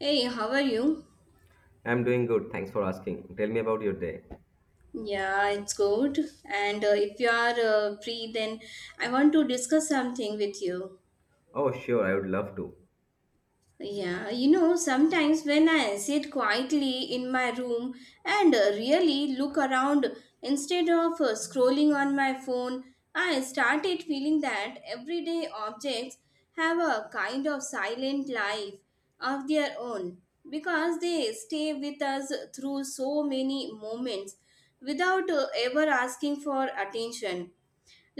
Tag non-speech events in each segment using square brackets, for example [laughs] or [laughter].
Hey, how are you? I'm doing good. Thanks for asking. Tell me about your day. Yeah, it's good. And If you are free, then I want to discuss something with you. Oh, sure. I would love to. Sometimes when I sit quietly in my room and really look around instead of scrolling on my phone, I started feeling that everyday objects have a kind of silent life of their own because they stay with us through so many moments without ever asking for attention,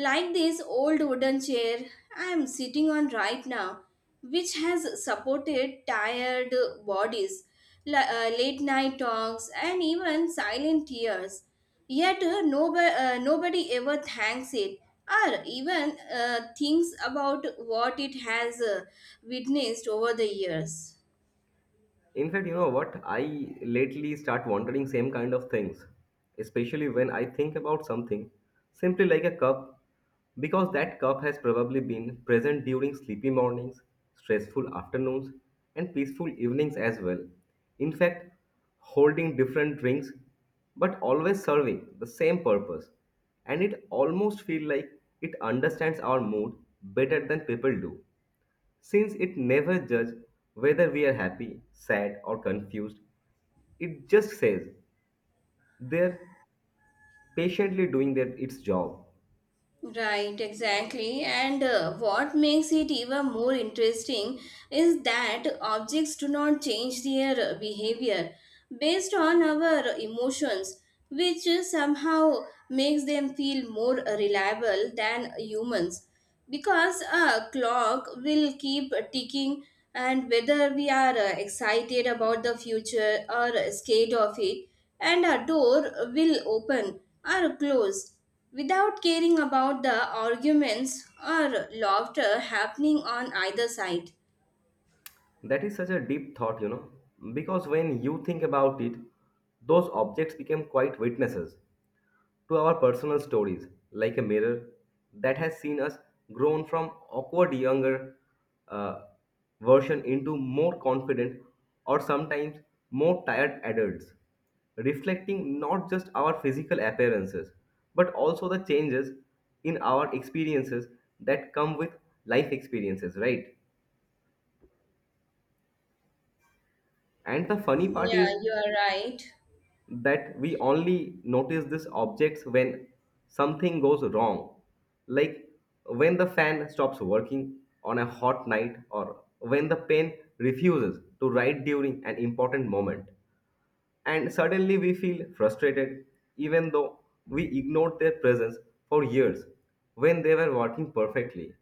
like this old wooden chair I am sitting on right now, which has supported tired bodies, late night talks, and even silent tears. Yet nobody ever thanks it or even thinks about what it has witnessed over the years. In fact, you know what? I lately start wondering same kind of things, especially when I think about something simply like a cup, because that cup has probably been present during sleepy mornings, stressful afternoons, and peaceful evenings as well. In fact, holding different drinks, but always serving the same purpose, and it almost feels like it understands our mood better than people do. Since it never judges whether we are happy, sad, or confused, it just says they're patiently doing its job. Right, exactly. And What makes it even more interesting is that objects do not change their behavior based on our emotions, which somehow makes them feel more reliable than humans. Because a clock will keep ticking, and whether we are excited about the future or scared of it, and a door will open or close without caring about the arguments or laughter happening on either side. That is such a deep thought. Because when you think about it, those objects become quite witnesses. To our personal stories, like a mirror that has seen us grown from awkward younger uh, version into more confident or sometimes more tired adults, reflecting not just our physical appearances but also the changes in our experiences that come with life experiences, right? And the funny part Yeah, is you are right. that we only notice these objects when something goes wrong, like when the fan stops working on a hot night or when the pen refuses to write during an important moment. And suddenly we feel frustrated, even though we ignored their presence for years when they were working perfectly.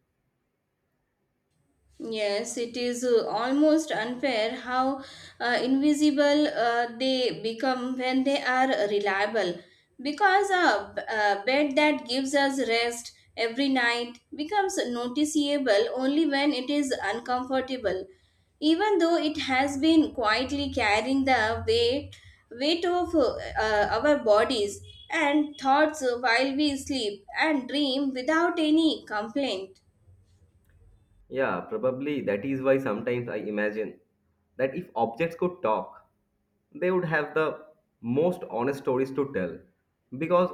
Yes, it is almost unfair how invisible they become when they are reliable. Because a bed that gives us rest every night becomes noticeable only when it is uncomfortable, even though it has been quietly carrying the weight, weight of our bodies and thoughts while we sleep and dream without any complaint. Yeah, probably that is why sometimes I imagine that if objects could talk, they would have the most honest stories to tell because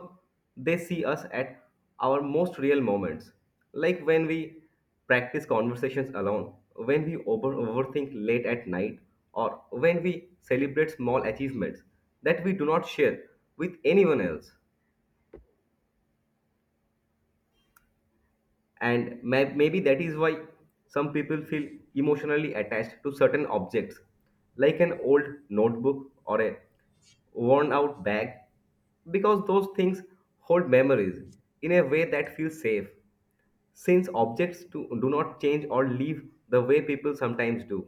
they see us at our most real moments. Like when we practice conversations alone, when we overthink late at night, or when we celebrate small achievements that we do not share with anyone else. And maybe that is why some people feel emotionally attached to certain objects like an old notebook or a worn out bag because those things hold memories in a way that feels safe since objects do not change or leave the way people sometimes do.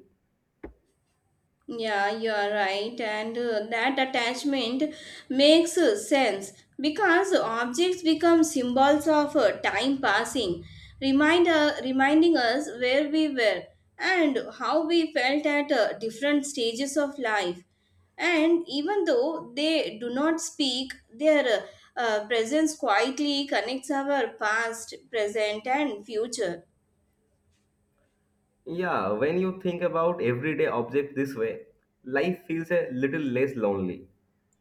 Yeah, you are right, and that attachment makes sense because objects become symbols of time passing, reminding us where we were and how we felt at different stages of life. And even though they do not speak, their presence quietly connects our past, present, and future. Yeah, when you think about everyday objects this way, life feels a little less lonely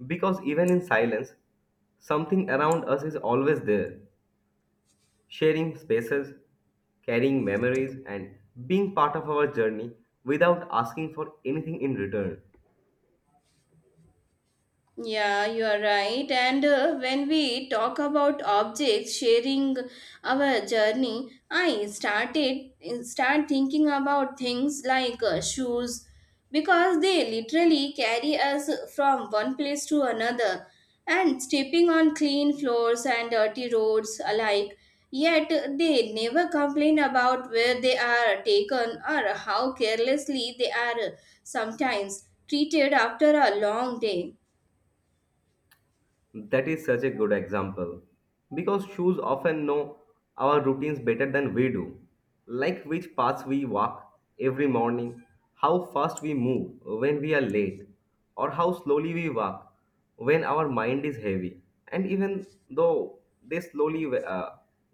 because even in silence something around us is always there sharing spaces, carrying memories, and being part of our journey without asking for anything in return. Yeah, you are right. And When we talk about objects sharing our journey, I start thinking about things like shoes because they literally carry us from one place to another and stepping on clean floors and dirty roads alike. Yet they never complain about where they are taken or how carelessly they are sometimes treated after a long day. That is such a good example because shoes often know our routines better than we do, like which paths we walk every morning, how fast we move when we are late, or how slowly we walk when our mind is heavy. And even though they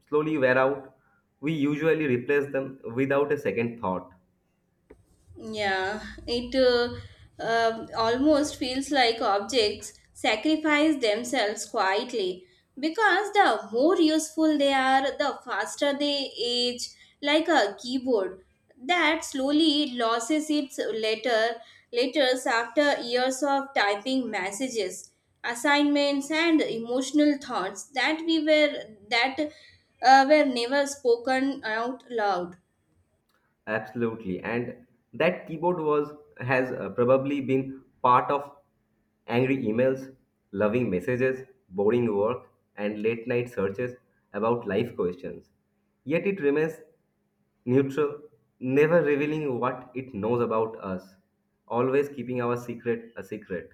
slowly wear out, we usually replace them without a second thought. Yeah, it almost feels like objects sacrifice themselves quietly because the more useful they are, the faster they age, like a keyboard that slowly loses its letters after years of typing messages, assignments, and emotional thoughts that were never spoken out loud. Absolutely. And that keyboard was has probably been part of angry emails, loving messages, boring work, and late night searches about life questions. Yet it remains neutral, never revealing what it knows about us, always keeping our secret a secret.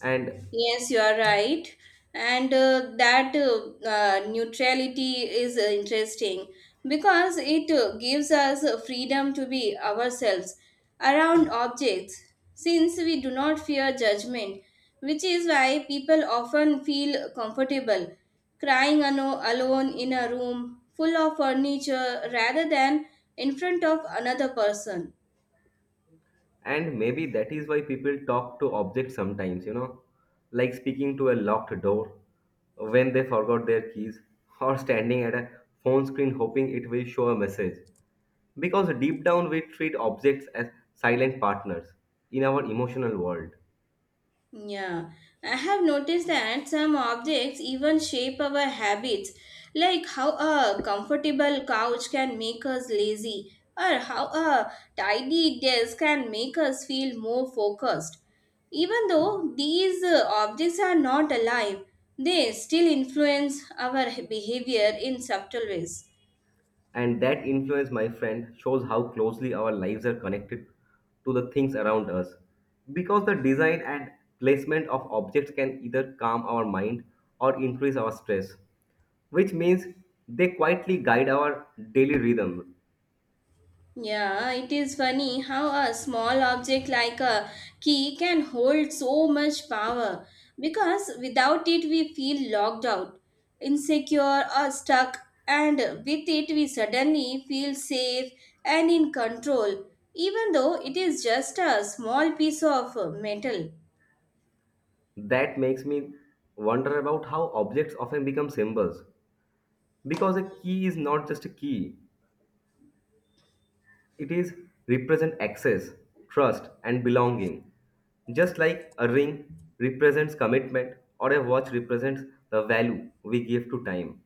And Yes, you are right. And that neutrality is interesting because it gives us freedom to be ourselves around objects since we do not fear judgment, which is why people often feel comfortable crying alone in a room full of furniture rather than in front of another person. And maybe that is why people talk to objects sometimes, like speaking to a locked door when they forgot their keys [laughs] or standing at a phone screen hoping it will show a message. Because deep down we treat objects as silent partners in our emotional world. Yeah, I have noticed that some objects even shape our habits, like how a comfortable couch can make us lazy, or how a tidy desk can make us feel more focused. Even though these objects are not alive, they still influence our behavior in subtle ways. And that influence, my friend, shows how closely our lives are connected to the things around us. Because the design and placement of objects can either calm our mind or increase our stress, which means they quietly guide our daily rhythm. Yeah, it is funny how a small object like a key can hold so much power because without it we feel locked out, insecure or stuck, and with it we suddenly feel safe and in control, even though it is just a small piece of metal. That makes me wonder about how objects often become symbols. Because a key is not just a key, it is represent access, trust, and belonging. Just like a ring represents commitment or a watch represents the value we give to time.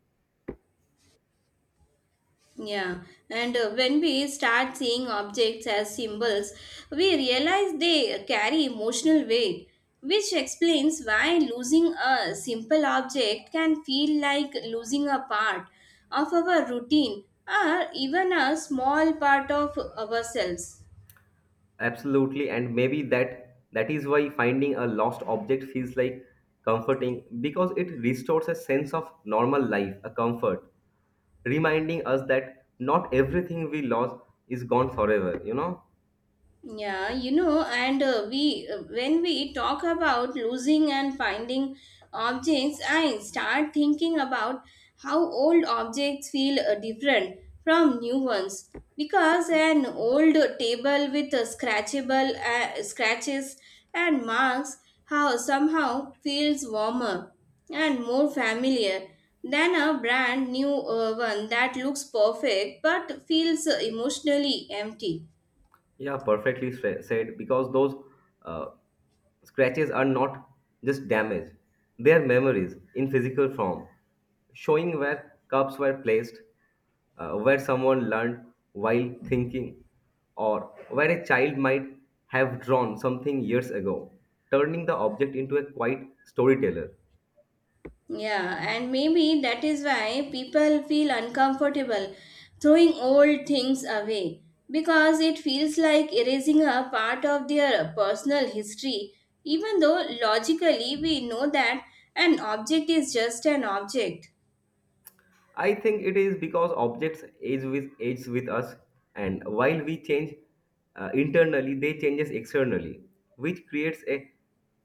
Yeah, and when we start seeing objects as symbols, we realize they carry emotional weight, which explains why losing a simple object can feel like losing a part of our routine or even a small part of ourselves. Absolutely, and maybe that is why finding a lost object feels like comforting because it restores a sense of normal life, a comfort, reminding us that not everything we lost is gone forever, you know? Yeah, you know, and we When we talk about losing and finding objects, I start thinking about how old objects feel different from new ones because an old table with scratchable scratches and marks how somehow feels warmer and more familiar than a brand new one that looks perfect but feels emotionally empty. Yeah, perfectly said. Because those uh, scratches are not just damage, they are memories in physical form, showing where cups were placed, where someone learned while thinking, or where a child might have drawn something years ago, turning the object into a quiet storyteller. Yeah, and maybe that is why people feel uncomfortable throwing old things away because it feels like erasing a part of their personal history, even though logically we know that an object is just an object. I think it is because objects age with us, and while we change internally, they changes externally, which creates a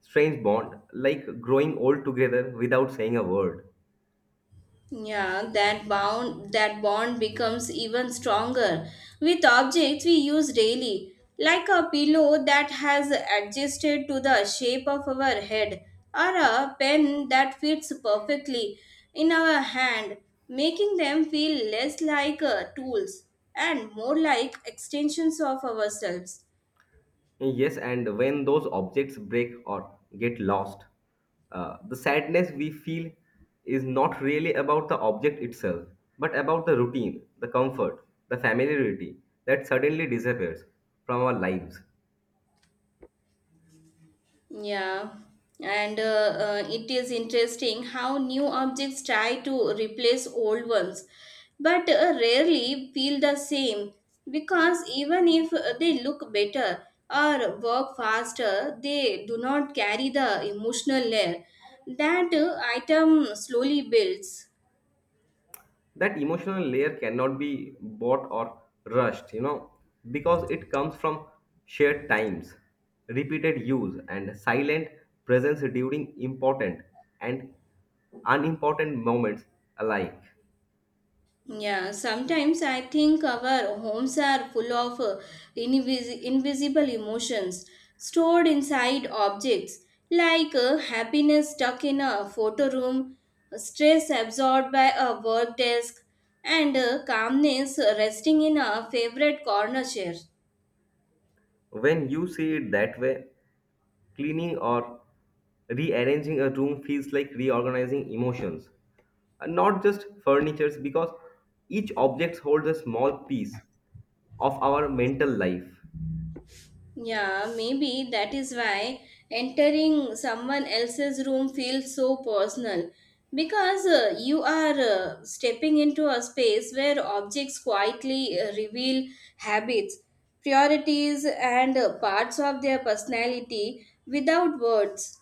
strange bond, like growing old together without saying a word. Yeah, that bond becomes even stronger with objects we use daily, like a pillow that has adjusted to the shape of our head, or a pen that fits perfectly in our hand, making them feel less like tools and more like extensions of ourselves. Yes, and when those objects break or get lost, the sadness we feel is not really about the object itself, but about the routine, the comfort, the familiarity that suddenly disappears from our lives. Yeah, and it is interesting how new objects try to replace old ones, but rarely feel the same because even if they look better or work faster, they do not carry the emotional layer that item slowly builds. That emotional layer cannot be bought or rushed, you know, because it comes from shared times, repeated use, and silent presence during important and unimportant moments alike. Yeah, sometimes I think our homes are full of invisible emotions stored inside objects, like happiness stuck in a photo room, stress absorbed by a work desk, and calmness resting in a favorite corner chair. When you see it that way, cleaning or rearranging a room feels like reorganizing emotions and not just furnitures because each object holds a small piece of our mental life. Yeah, maybe that is why entering someone else's room feels so personal because you are stepping into a space where objects quietly reveal habits, priorities, and parts of their personality without words.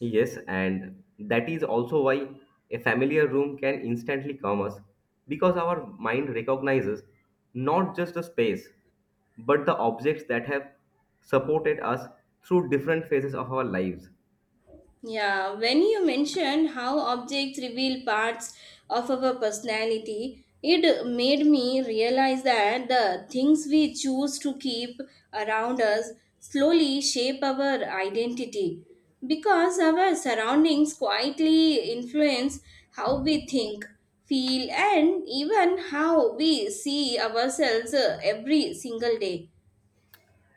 Yes, and that is also why a familiar room can instantly calm us because our mind recognizes not just the space but the objects that have supported us through different phases of our lives. Yeah, when you mentioned how objects reveal parts of our personality, it made me realize that the things we choose to keep around us slowly shape our identity because our surroundings quietly influence how we think, feel, and even how we see ourselves every single day.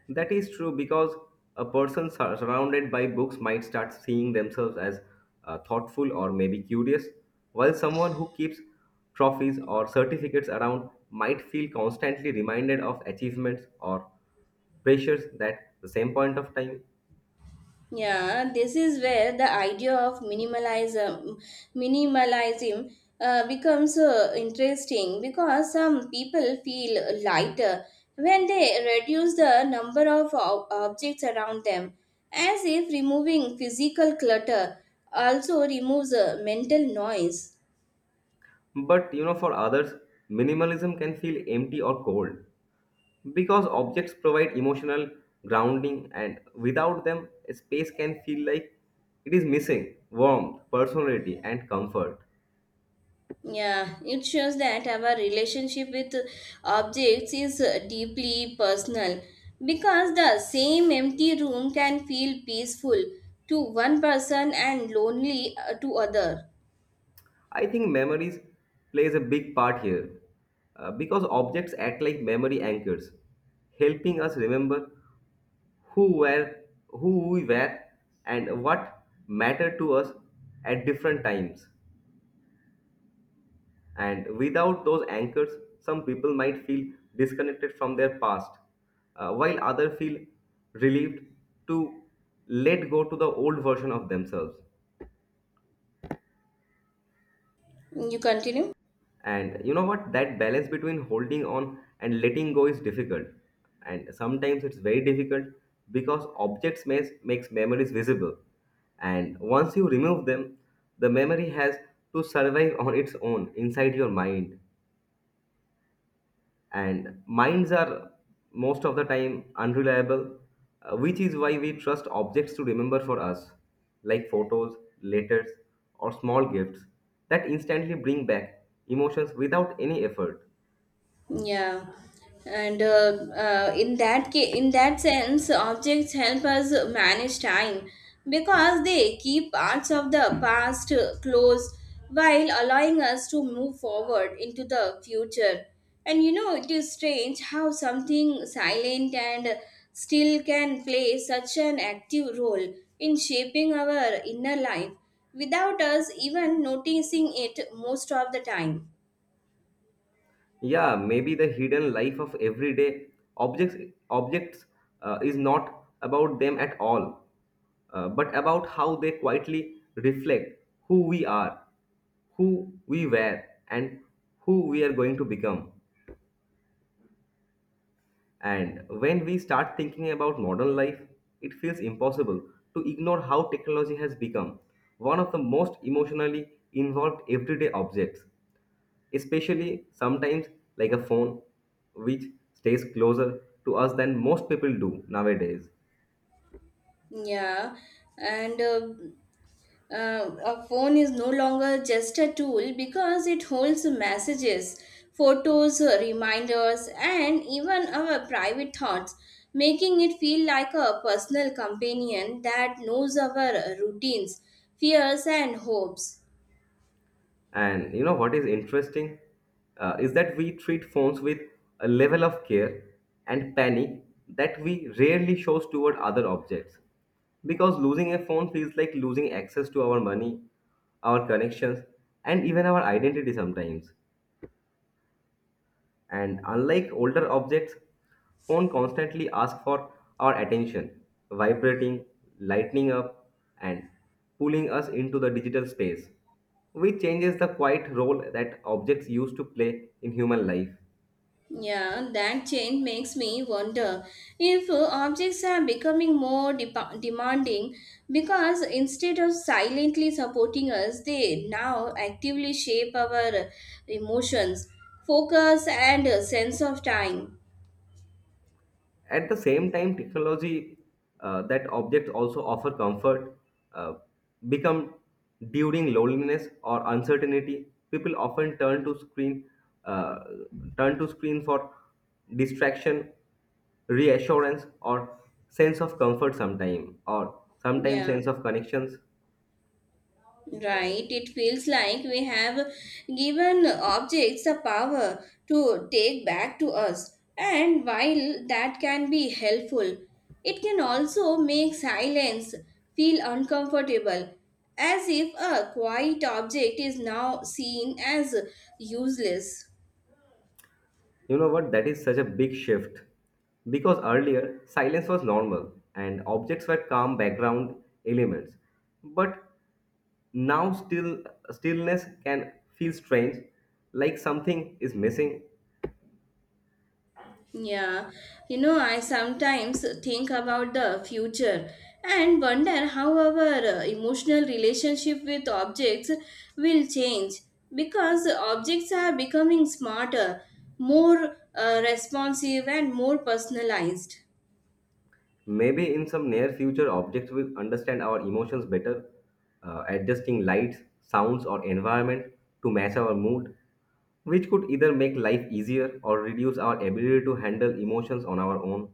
That is true because a person surrounded by books might start seeing themselves as thoughtful or maybe curious, while someone who keeps trophies or certificates around might feel constantly reminded of achievements or pressures that the same point of time. Yeah, this is where the idea of minimalism becomes interesting because some people feel lighter when they reduce the number of objects around them, as if removing physical clutter also removes mental noise. But you know, for others minimalism can feel empty or cold because objects provide emotional grounding and without them a space can feel like it is missing warmth, personality, and comfort. Yeah, it shows that our relationship with objects is deeply personal because the same empty room can feel peaceful to one person and lonely to other. I think memories plays a big part here, because objects act like memory anchors helping us remember who were who we were and what mattered to us at different times. And without those anchors, some people might feel disconnected from their past, while others feel relieved to let go to the old version of themselves. You continue? And you know what? That balance between holding on and letting go is difficult. And sometimes it's very difficult because objects makes memories visible. And once you remove them, the memory has to survive on its own inside your mind. And minds are most of the time unreliable, which is why we trust objects to remember for us, like photos, letters, or small gifts that instantly bring back emotions without any effort. Yeah, and in that ca- In that sense, objects help us manage time because they keep parts of the past close while allowing us to move forward into the future. And you know, it is strange how something silent and still can play such an active role in shaping our inner life without us even noticing it most of the time. Yeah, maybe the hidden life of everyday objects objects is not about them at all, but about how they quietly reflect who we are, who we were, and who we are going to become. And when we start thinking about modern life, it feels impossible to ignore how technology has become one of the most emotionally involved everyday objects, especially sometimes like a phone, which stays closer to us than most people do nowadays. Yeah and A phone is no longer just a tool because it holds messages, photos, reminders, and even our private thoughts, making it feel like a personal companion that knows our routines, fears, and hopes. And you know what is interesting, is that we treat phones with a level of care and panic that we rarely shows toward other objects. Because losing a phone feels like losing access to our money, our connections, and even our identity sometimes. And unlike older objects, phone constantly ask for our attention, vibrating, lighting up, and pulling us into the digital space, which changes the quiet role that objects used to play in human life. Yeah, that change makes me wonder if objects are becoming more depa demanding because instead of silently supporting us, they now actively shape our emotions, focus, and sense of time. At the same time, technology that objects also offer comfort uh, become during loneliness or uncertainty. People often uh, turn to screen for distraction, reassurance, or sense of comfort. Sometimes Yeah. sense of connections. Right, it feels like we have given objects the power to take back to us, and while that can be helpful, it can also make silence feel uncomfortable, as if a quiet object is now seen as useless. You know what? That is such a big shift. Because earlier, silence was normal and objects were calm background elements. But now stillness can feel strange, like something is missing. Yeah, you know, I sometimes think about the future and wonder how our emotional relationship with objects will change because objects are becoming smarter, more responsive, and more personalized. Maybe in some near future objects will understand our emotions better, adjusting lights, sounds or environment to match our mood, which could either make life easier or reduce our ability to handle emotions on our own.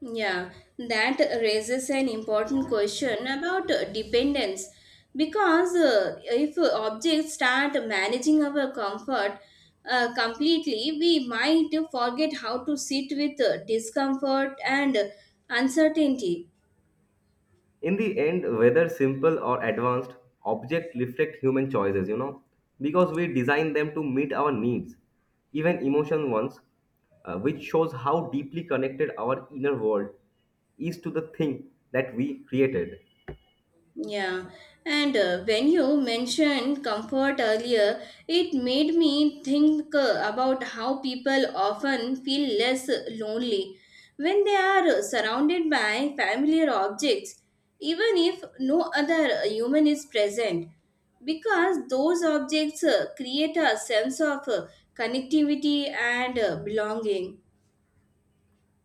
Yeah, that raises an important question about dependence because if objects start managing our comfort completely, we might forget how to sit with discomfort and uncertainty. In the end, whether simple or advanced, objects reflect human choices, you know, because we design them to meet our needs, even emotion ones, which shows how deeply connected our inner world is to the thing that we created. Yeah, and when you mentioned comfort earlier, it made me think about how people often feel less lonely when they are surrounded by familiar objects, even if no other human is present, because those objects create a sense of connectivity and belonging.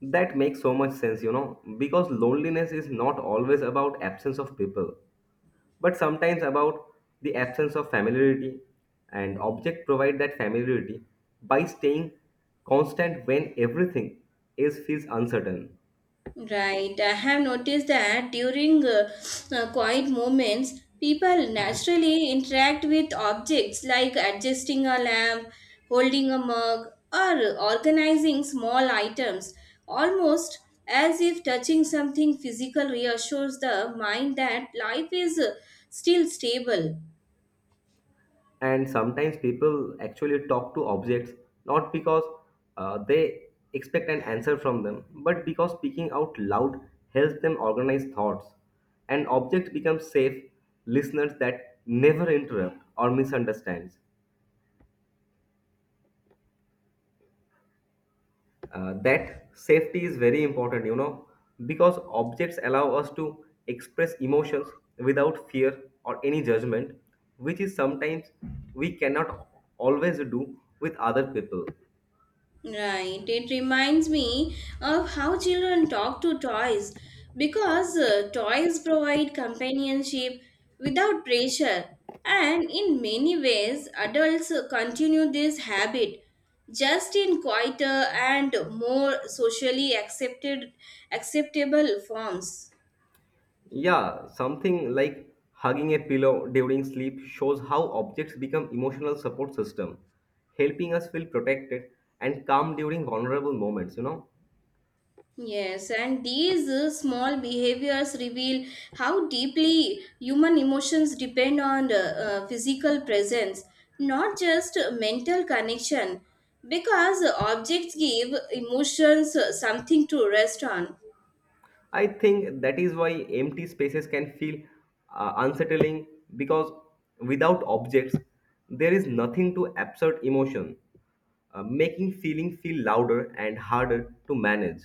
That makes so much sense, you know, because loneliness is not always about absence of people but sometimes about the absence of familiarity, and object provide that familiarity by staying constant when everything is feels uncertain. Right. I have noticed that during quiet moments, people naturally interact with objects like adjusting a lamp, holding a mug, or organizing small items, almost as if touching something physical reassures the mind that life is still stable. And sometimes people actually talk to objects not because they expect an answer from them but because speaking out loud helps them organize thoughts, and objects become safe listeners that never interrupt or misunderstands. That safety is very important, you know, because objects allow us to express emotions without fear or any judgment, which is sometimes we cannot always do with other people. Right. It reminds me of how children talk to toys because toys provide companionship without pressure. And in many ways, adults continue this habit just in quieter and more socially accepted acceptable forms. Yeah, something like hugging a pillow during sleep shows how objects become emotional support system, helping us feel protected and calm during vulnerable moments, you know? Yes, and these small behaviors reveal how deeply human emotions depend on physical presence, not just mental connection, because objects give emotions something to rest on. I think that is why empty spaces can feel unsettling because without objects, there is nothing to absorb emotion, making feeling feel louder and harder to manage.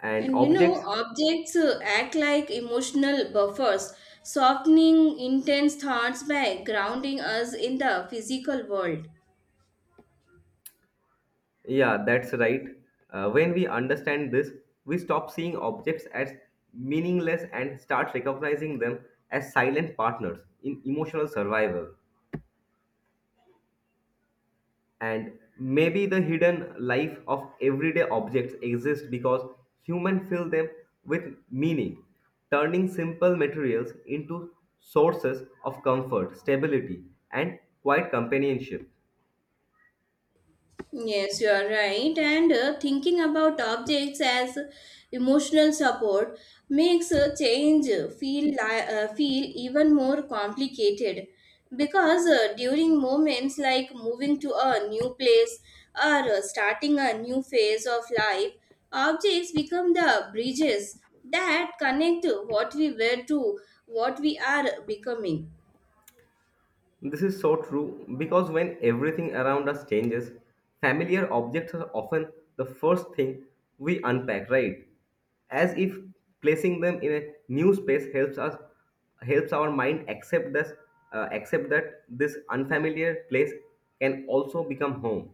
And And you know, objects, objects act like emotional buffers, softening intense thoughts by grounding us in the physical world. yeah, that's right. When we understand this, we stop seeing objects as meaningless and start recognizing them as silent partners in emotional survival. And maybe the hidden life of everyday objects exists because humans fill them with meaning, turning simple materials into sources of comfort, stability, and quiet companionship. Yes, you are right. And thinking about objects as emotional support makes a change feel even more complicated because during moments like moving to a new place or starting a new phase of life, objects become the bridges that connect what we were to what we are becoming. This is so true because when everything around us changes, familiar objects are often the first thing we unpack, right? As if placing them in a new space helps our mind accept this accept that this unfamiliar place can also become home.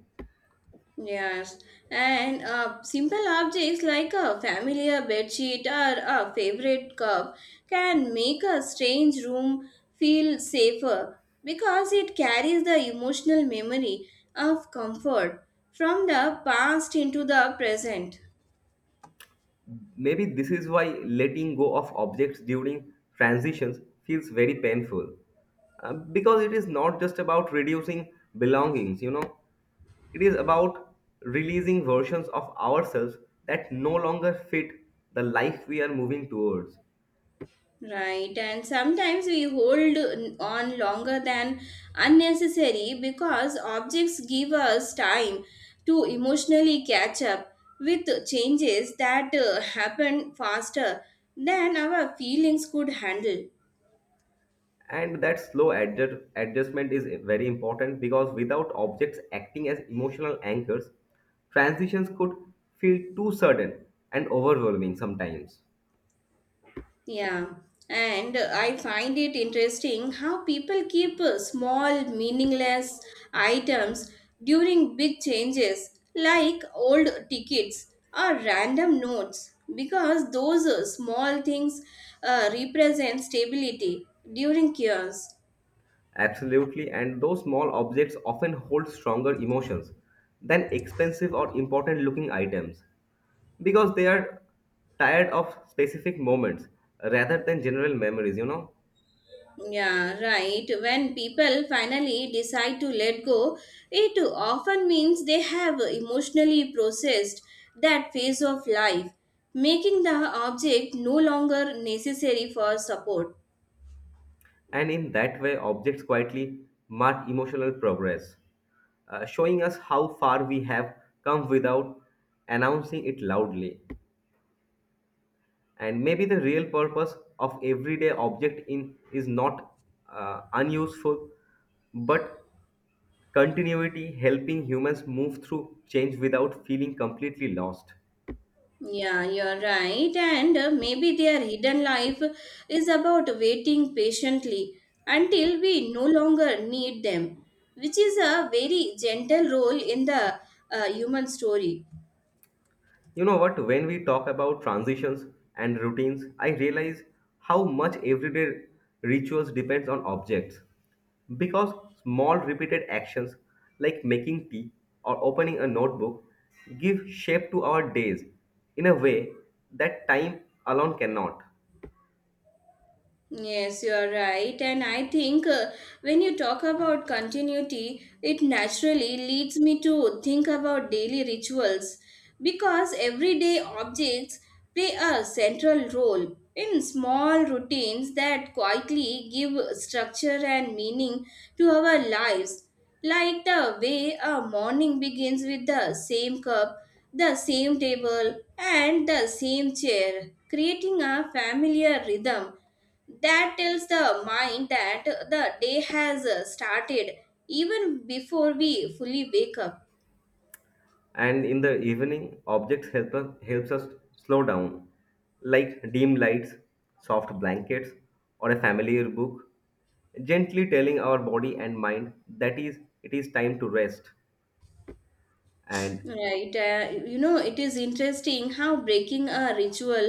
Yes, and simple objects like a familiar bedsheet or a favorite cup can make a strange room feel safer because it carries the emotional memory of comfort from the past into the present. Maybe this is why letting go of objects during transitions feels very painful. Because it is not just about reducing belongings, you know, it is about releasing versions of ourselves that no longer fit the life we are moving towards. Right, and sometimes we hold on longer than unnecessary because objects give us time to emotionally catch up with changes that happen faster than our feelings could handle. And that slow adjustment is very important because without objects acting as emotional anchors, transitions could feel too sudden and overwhelming sometimes. Yeah, and I find it interesting how people keep small, meaningless items during big changes, like old tickets or random notes, because those small things represent stability during chaos. Absolutely, and those small objects often hold stronger emotions than expensive or important looking items. Because they are tired of specific moments rather than general memories, you know. Yeah, right. When people finally decide to let go, it often means they have emotionally processed that phase of life, making the object no longer necessary for support. And in that way objects quietly mark emotional progress, showing us how far we have come without announcing it loudly. And maybe the real purpose of everyday object in is not unuseful but continuity, helping humans move through change without feeling completely lost. Yeah, you're right. And maybe their hidden life is about waiting patiently until we no longer need them, which is a very gentle role in the human story. You know what? When we talk about transitions and routines, I realize how much everyday rituals depends on objects. Because small repeated actions like making tea or opening a notebook give shape to our days in a way that time alone cannot. Yes, you are right. And I think when you talk about continuity, it naturally leads me to think about daily rituals because everyday objects play a central role in small routines that quietly give structure and meaning to our lives. Like the way a morning begins with the same cup, the same table, and the same chair, creating a familiar rhythm that tells the mind that the day has started even before we fully wake up. And in the evening objects helps us slow down, like dim lights, soft blankets, or a familiar book gently telling our body and mind that is it is time to rest. And Right you know, it is interesting how breaking a ritual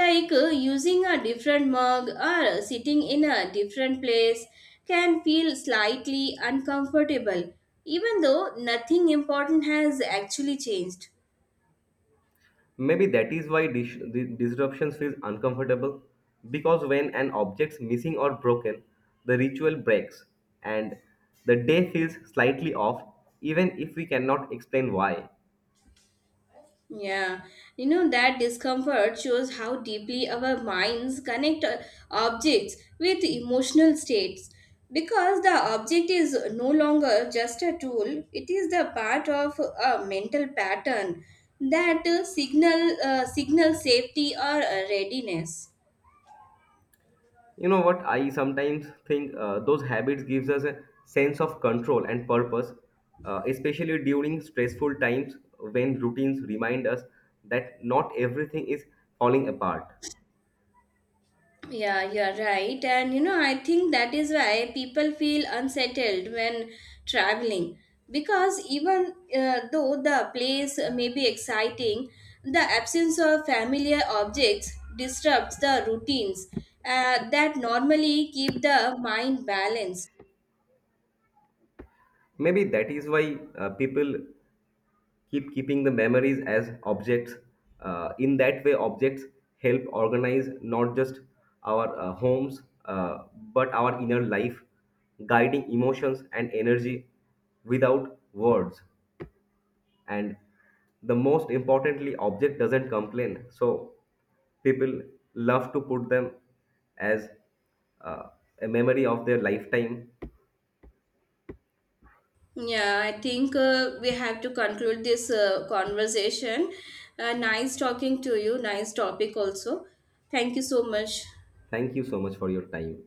like using a different mug or sitting in a different place can feel slightly uncomfortable even though nothing important has actually changed. maybe that is why the disruptions feels uncomfortable because when an object's missing or broken the ritual breaks and the day feels slightly off even if we cannot explain why. Yeah, you know, that discomfort shows how deeply our minds connect objects with emotional states. Because the object is no longer just a tool, it is the part of a mental pattern that signal safety or readiness. You know what, I sometimes think, those habits gives us a sense of control and purpose, especially during stressful times when routines remind us that not everything is falling apart. Yeah, you're right. And you know, I think that is why people feel unsettled when traveling because even though the place may be exciting, the absence of familiar objects disrupts the routines that normally keep the mind balanced. Maybe that is why, people keeping the memories as objects, in that way objects help organize not just our homes but our inner life, guiding emotions and energy without words. And the most importantly object doesn't complain, so people love to put them as, uh, a memory of their lifetime. Yeah, I think we have to conclude this conversation. Nice talking to you, nice topic also. Thank you so much. Thank you so much for your time.